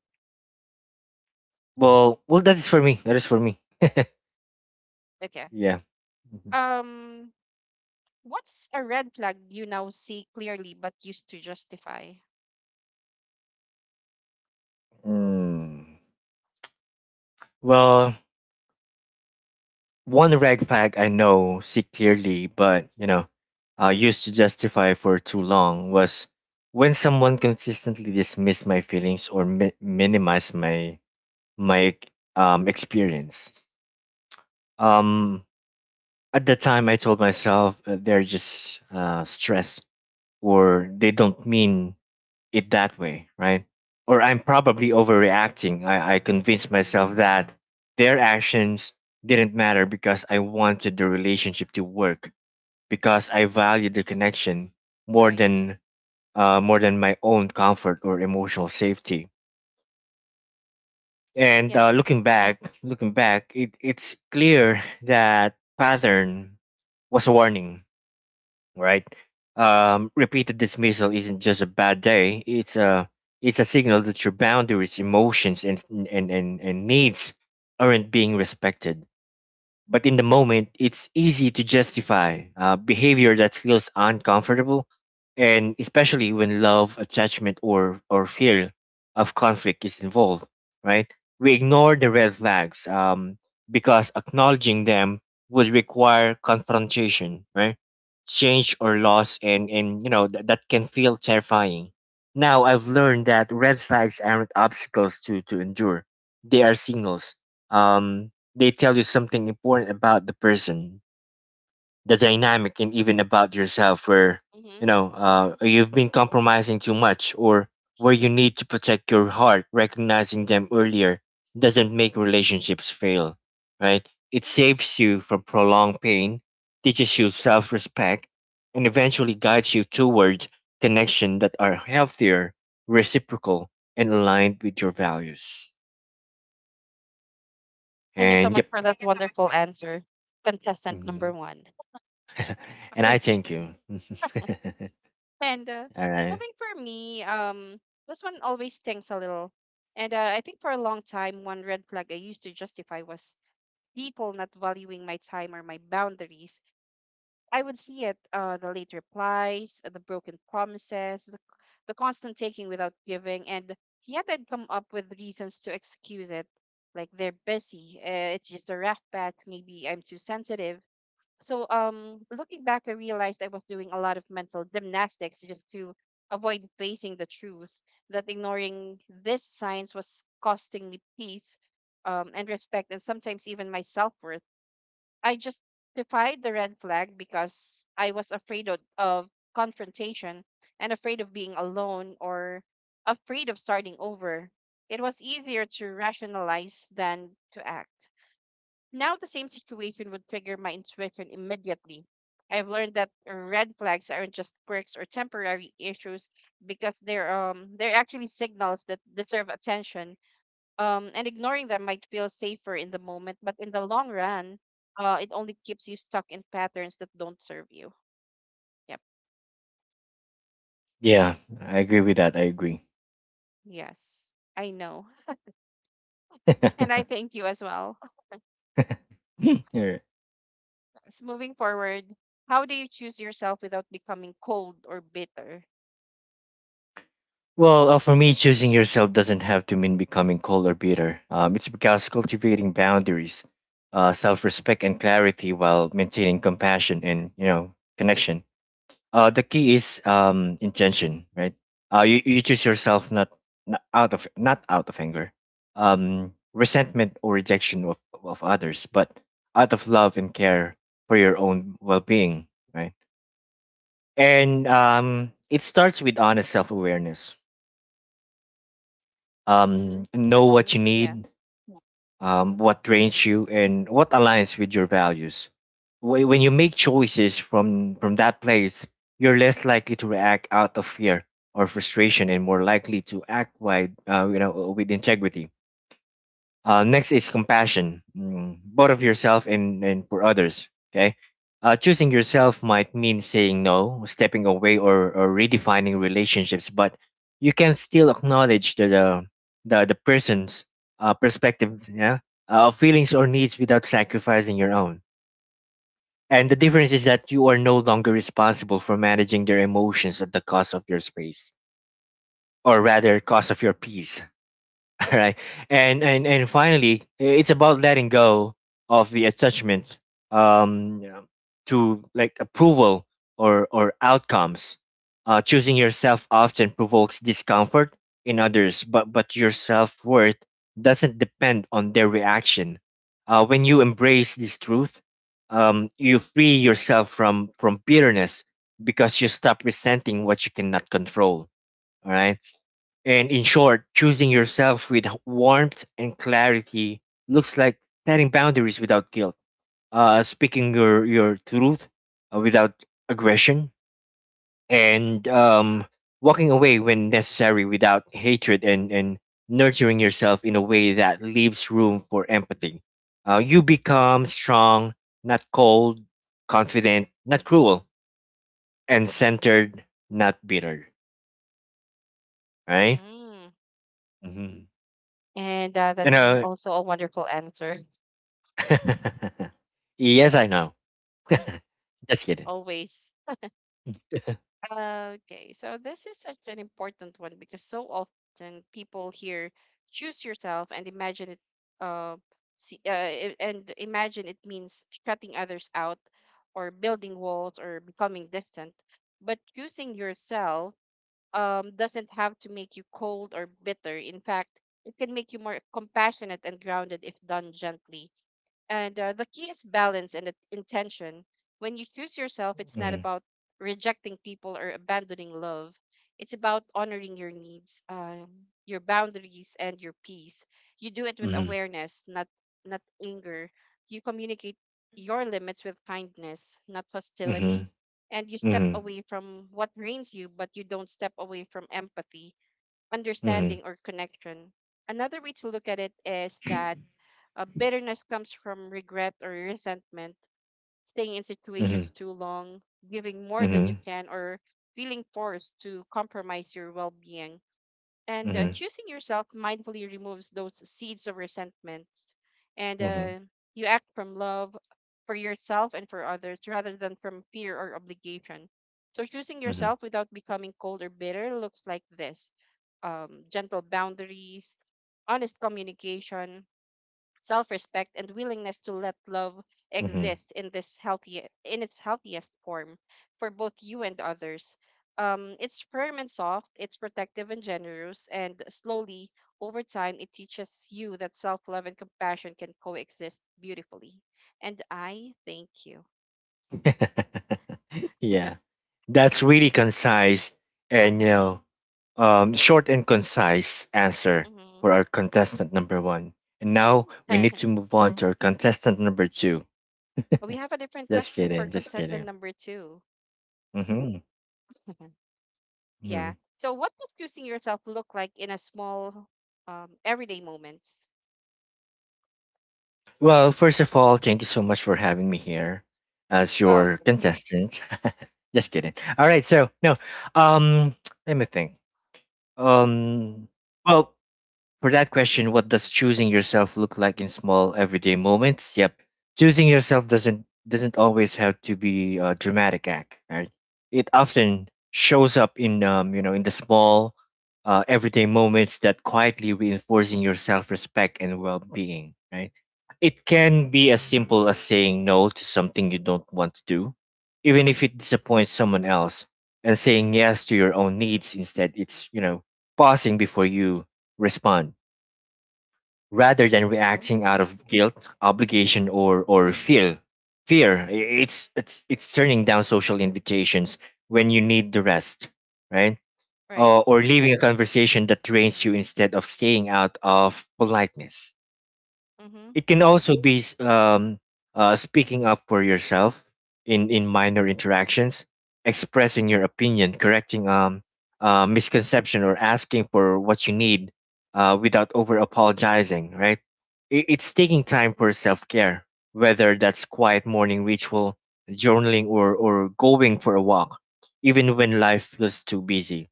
Well, that is for me, that is for me. Okay. Yeah. Mhm. Um, what's a red flag you now see clearly but used to justify? Mm. Well, one red flag I know see clearly, but you know, used to justify for too long was when someone consistently dismissed my feelings or minimized my experience. Um, at the time, I told myself they're just stressed or they don't mean it that way, right? Or I'm probably overreacting. I convinced myself that their actions didn't matter because I wanted the relationship to work, because I valued the connection more Right. than more than my own comfort or emotional safety. And Yeah. Looking Mm-hmm. back, it, it's clear that pattern was a warning, right? Repeated dismissal isn't just a bad day; it's a signal that your boundaries, emotions, and needs aren't being respected. But in the moment, it's easy to justify behavior that feels uncomfortable, and especially when love, attachment, or fear of conflict is involved, right? We ignore the red flags because acknowledging them would require confrontation, right? Change or loss, and you know, that can feel terrifying. Now, I've learned that red flags aren't obstacles to endure, they are signals. Um, they tell you something important about the person, the dynamic, and even about yourself where, Mm-hmm. you know, you've been compromising too much or where you need to protect your heart. Recognizing them earlier doesn't make relationships fail, right? It saves you from prolonged pain, teaches you self respect, and eventually guides you toward connections that are healthier, reciprocal, and aligned with your values. Thank you so And much yep. for that wonderful answer, contestant number Mhm. one. And I thank you. And All I right. think for me, this one always stings a little. And I think for a long time, one red flag I used to justify was people not valuing my time or my boundaries. I would see it, the late replies, the broken promises, the constant taking without giving. And yet I'd come up with reasons to excuse it. Like they're busy, it's just a rough patch, maybe I'm too sensitive. So looking back, I realized I was doing a lot of mental gymnastics just to avoid facing the truth that ignoring these signs was costing me peace, and respect, and sometimes even my self-worth. I justified the red flag because I was afraid of confrontation, and afraid of being alone, or afraid of starting over. It was easier to rationalize than to act. Now, the same situation would trigger my intuition immediately. I've learned that red flags aren't just quirks or temporary issues, because they're actually signals that deserve attention. And ignoring them might feel safer in the moment, but in the long run, it only keeps you stuck in patterns that don't serve you. Yep. Yeah, I agree with that. I agree. Yes, I know, and I thank you as well. Yeah. Moving forward, how do you choose yourself without becoming cold or bitter? Well, for me, choosing yourself doesn't have to mean becoming cold or bitter. It's because cultivating boundaries, self-respect and clarity while maintaining compassion and, you know, connection. Uh, the key is intention, right? Uh, you choose yourself not out of anger, um, resentment or rejection of others, but out of love and care for your own well-being, right? And um, it starts with honest self-awareness. Mm-hmm. Um, know what you Yeah. need, what drains you, and what aligns with your values. When you make choices from that place, you're less likely to react out of fear or frustration and more likely to act wide you know, with integrity. Uh, next is compassion, mm, both of yourself and for others. Okay. Choosing yourself might mean saying no, stepping away, or redefining relationships, but you can still acknowledge the person's perspective, yeah, feelings or needs without sacrificing your own. And the difference is that you are no longer responsible for managing their emotions at the cost of your space, or rather, cost of your peace. All right. And finally, it's about letting go of the attachment, um, you know, to like approval or outcomes. Uh, choosing yourself often provokes discomfort in others, but your self-worth doesn't depend on their reaction. Uh, when you embrace this truth, um, you free yourself from bitterness because you stop resenting what you cannot control, all right? And in short, choosing yourself with warmth and clarity looks like setting boundaries without guilt, speaking your truth without aggression, and walking away when necessary without hatred, and nurturing yourself in a way that leaves room for empathy. You become strong, not cold, confident, not cruel, and centered, not bitter. Right? Mm. Mm-hmm. And And that's also a wonderful answer. yes, I know. Mm. Just kidding. Always. Okay, so this is such an important one, because so often people hear "choose yourself" and imagine it, uh, and imagine it means shutting others out, or building walls, or becoming distant. But choosing yourself doesn't have to make you cold or bitter. In fact, it can make you more compassionate and grounded if done gently. And the key is balance and intention. When you choose yourself, it's not Mhm, about rejecting people or abandoning love. It's about honoring your needs, your boundaries, and your peace. You do it with mhm, awareness, not anger. You communicate your limits with kindness, not hostility. mhm, And you step mhm, away from what drains you, but you don't step away from empathy, mhm, understanding, or connection. Another way to look at it is that, bitterness comes from regret or resentment, staying in mhm, situations too long, giving more than you mhm, can, or feeling forced to compromise your well being. And mhm, choosing yourself mindfully removes those seeds of resentments. And mhm, you act from love for yourself and for others rather than from fear or obligation. So choosing mhm, yourself without becoming cold or bitter looks like this: gentle boundaries, honest communication, self respect, and willingness to let love mhm. exist in this healthy in its healthiest form for both you and others. It's firm and soft, it's protective and generous, and slowly over time it teaches you that self love and compassion can coexist beautifully. And I thank you. Yeah, that's really concise Uh and you huh. know, short and concise answer Mm-hmm. for our contestant number one. And now we need to move on to our contestant number two. We have a different Just question for kidding, just contestant kidding. number two. Hmm. Mhm, mhm. Yeah. So, what does choosing yourself look like in a small, everyday moments? Well, first of all, thank you so much for having me here as Well. your contestant. Just kidding. All right. So no. Um, let me think. Um, well, for that question, what does choosing yourself look like in small everyday moments? Yep. Choosing yourself doesn't always have to be a dramatic act, right? It often shows up in you know, in the small, everyday moments that quietly reinforcing your self respect and well being, right? It can be as simple as saying no to something you don't want to do, even if it disappoints someone else, and saying yes to your own needs instead. It's, you know, pausing before you respond rather than Mhm. reacting out of guilt, obligation, or fear. It's it's turning down social invitations when you need the rest, right? Right. Or leaving a conversation that drains you instead of staying out of politeness. Mm-hmm. It can also be speaking up for yourself in minor interactions, expressing your opinion, correcting misconception, or asking for what you need without over apologizing, right? It, it's taking time for self care, whether that's quiet morning ritual, journaling, or going for a walk, even when life feels too busy.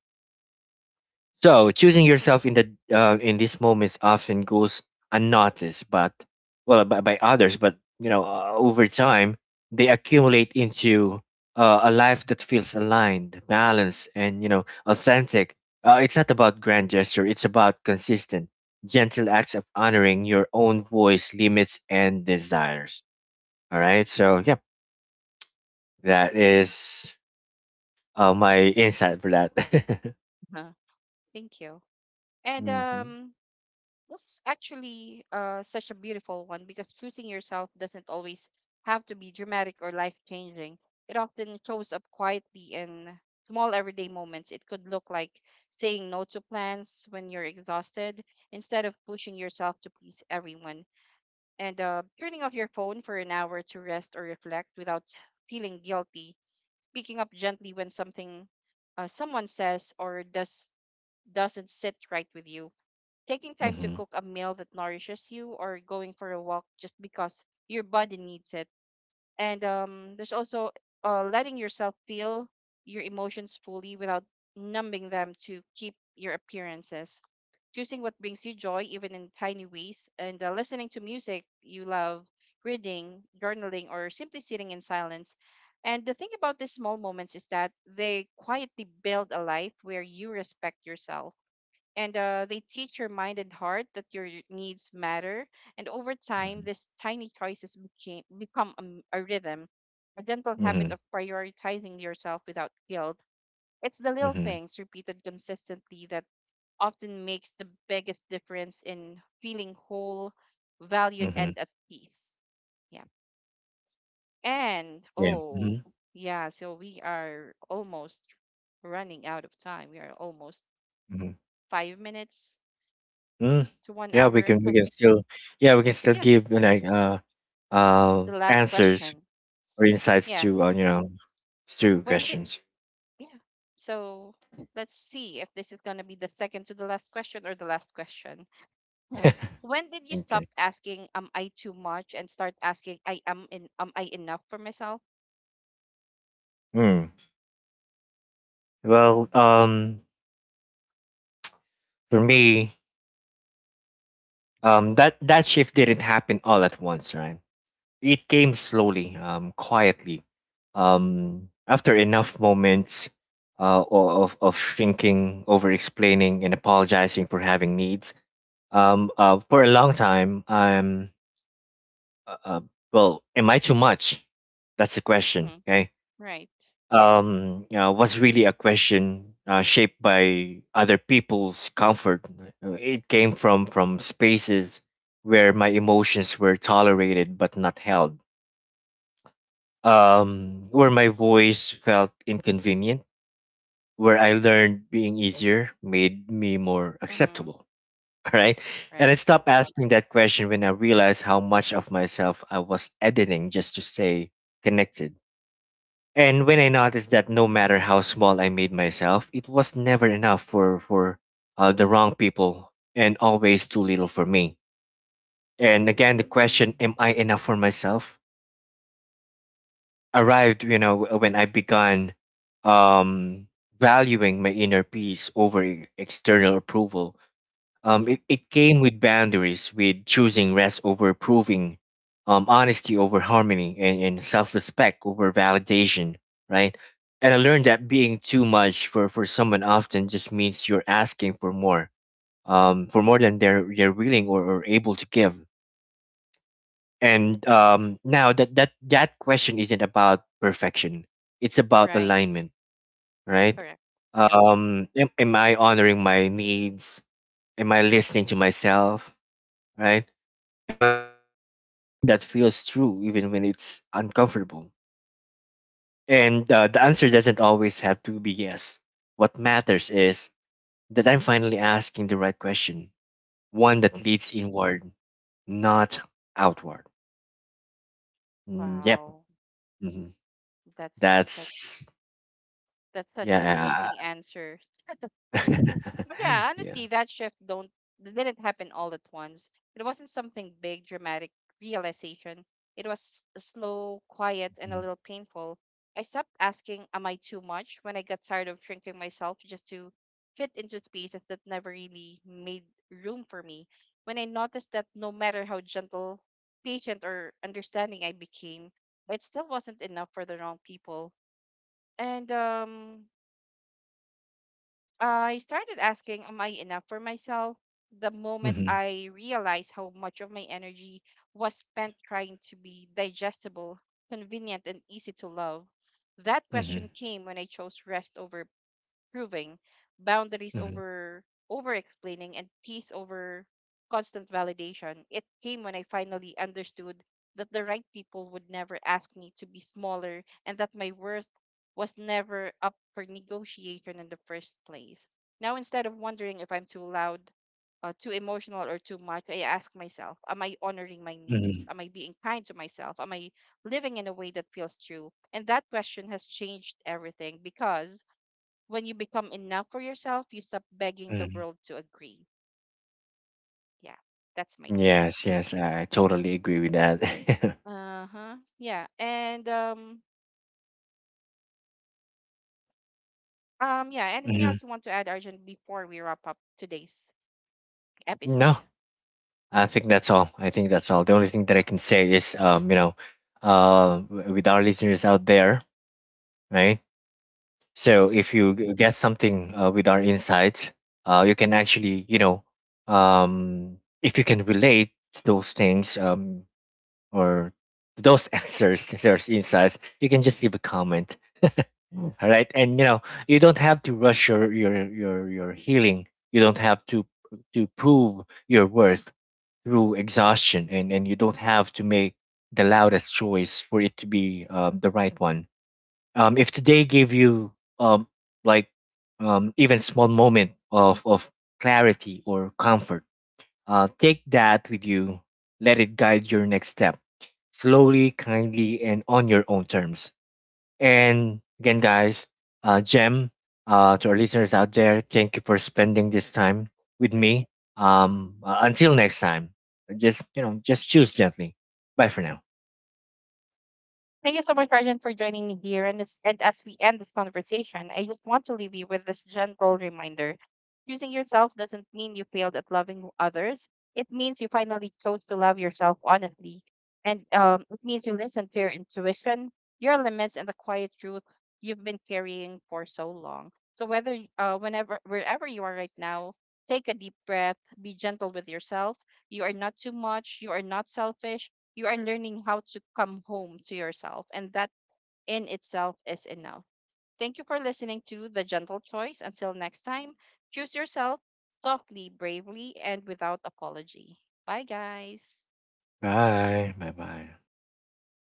So choosing yourself in the in these moments often goes unnoticed, but well, by others. But you know, over time, they accumulate into a life that feels aligned, balanced, and you know, authentic. It's not about grand gesture; it's about consistent, gentle acts of honoring your own voice, limits, and desires. All right. So, yep, that is my insight for that. Uh-huh. Thank you. And Hmm. This is actually such a beautiful one because choosing yourself doesn't always have to be dramatic or life changing. It often shows up quietly in small everyday moments. It could look like saying no to plans when you're exhausted instead of pushing yourself to please everyone, and turning off your phone for an hour to rest or reflect without feeling guilty. Speaking up gently when something, someone says or does, doesn't sit right with you. Taking time to Hmm. cook a meal that nourishes you, or going for a walk just because your body needs it. And there's also, letting yourself feel your emotions fully without numbing them to keep your appearances. Choosing what brings you joy, even in tiny ways, and listening to music you love, reading, journaling, or simply sitting in silence. And the thing about these small moments is that they quietly build a life where you respect yourself, and they teach your mind and heart that your needs matter. And over time, these tiny choices become a, a rhythm, a gentle habit Hmm. of prioritizing yourself without guilt. It's the little Hmm. things repeated consistently that often makes the biggest difference in feeling whole, valued, Mhm. and at peace. Yeah. And Yeah. oh, Mhm. yeah, so we are almost running out of time. We are almost Mhm. 5 minutes Mm, to one yeah, hour. We can still yeah, we can still Yeah. give you know, like uh, uh, The last answers question. or insights Yeah. to you know, to When did questions. Yeah. So let's see if this is gonna be the second to the last question or the last question. Huh. When did you stop Okay. asking "am I too much" and start asking I am in am I enough for myself? Mm. Well, um, for me, um, that shift didn't happen all at once, right? It came slowly, um, quietly. Um, after enough moments of thinking, over explaining and apologizing for having needs. For a long time, I'm uh, uh, well, am I too much? That's a question. Mm-hmm. Okay. Right. You know, was really a question shaped by other people's comfort. It came from spaces where my emotions were tolerated but not held. Where my voice felt inconvenient. Where I learned being easier made me more Mm-hmm. acceptable. All right. And Right. I stopped asking that question when I realized how much of myself I was editing just to stay connected. And when I noticed that no matter how small I made myself, it was never enough for the wrong people and always too little for me. And again, the question, am I enough for myself? Arrived, you know, when I began um, valuing my inner peace over external approval. Mm-hmm. It came with boundaries, with choosing rest over proving, honesty over harmony, and self respect over validation, right? And I learned that being too much for someone often just means you're asking for more than they're willing or able to give. And now that, that question isn't about perfection, it's about Right. alignment, right? Correct. Yep. Am I honoring my needs? Am I listening to myself? Right? Am I living the way that feels true, even when it's uncomfortable? And the answer doesn't always have to be yes. What matters is that I'm finally asking the right question, one that Mm-hmm. leads inward, not outward. Mm, yep. Wow. Hmm. That's such that's that's such an Yeah. amazing answer. Yeah, Yeah. honestly, that shift don't didn't happen all at once. It wasn't something big, dramatic realization. It was slow, quiet, and a Mm-hmm. little painful. I stopped asking, "Am I too much?" when I got tired of shrinking myself just to fit into spaces that never really made room for me. When I noticed that no matter how gentle, patient, or understanding I became, it still wasn't enough for the wrong people. And I started asking, "Am I enough for myself?" The moment Hmm. I realized how much of my energy was spent trying to be digestible, convenient, and easy to love, that Hmm. question came when I chose rest over proving, boundaries over explaining, and peace over constant validation. It came when I finally understood that the right people would never ask me to be smaller, and that my worth was never up for negotiation in the first place. Now, instead of wondering if I'm too loud, too emotional, or too much, I ask myself, am I honoring my needs? Hmm. Am I being kind to myself? Am I living in a way that feels true? And that question has changed everything, because when you become enough for yourself, you stop begging the Hmm. world to agree. Yeah, that's my take. Yes, yes, I totally agree with that. Uh huh. Yeah. And yeah. Anything Hmm. else you want to add, Arjun, before we wrap up today's No, episode? I think that's all. I think that's all. The only thing that I can say is, you know, with our listeners out there, right? So if you get something with our insights, you can actually, you know, if you can relate to those things or to those answers, those insights, you can just leave a comment, all right? And you know, you don't have to rush your healing. You don't have to prove your worth through exhaustion, and you don't have to make the loudest choice for it to be the right one. Um, if today gave you um, like um, even small moment of clarity or comfort, uh, take that with you, let it guide your next step slowly, kindly, and on your own terms. And again, guys, Jem, to our listeners out there, thank you for spending this time with me. Until next time, just you know, just choose gently. Bye for now. Thank you so much, Arjun, for joining me here. And as we end this conversation, I just want to leave you with this gentle reminder. Choosing yourself doesn't mean you failed at loving others. It means you finally chose to love yourself honestly. And it means you listen to your intuition, your limits, and the quiet truth you've been carrying for so long. So whenever, wherever you are right now, take a deep breath, be gentle with yourself. You are not too much. You are not selfish. You are learning how to come home to yourself, and that in itself is enough. Thank you for listening to The Gentle Choice. Until next time, choose yourself softly, bravely, and without apology. Bye, guys. Bye. Bye. Bye.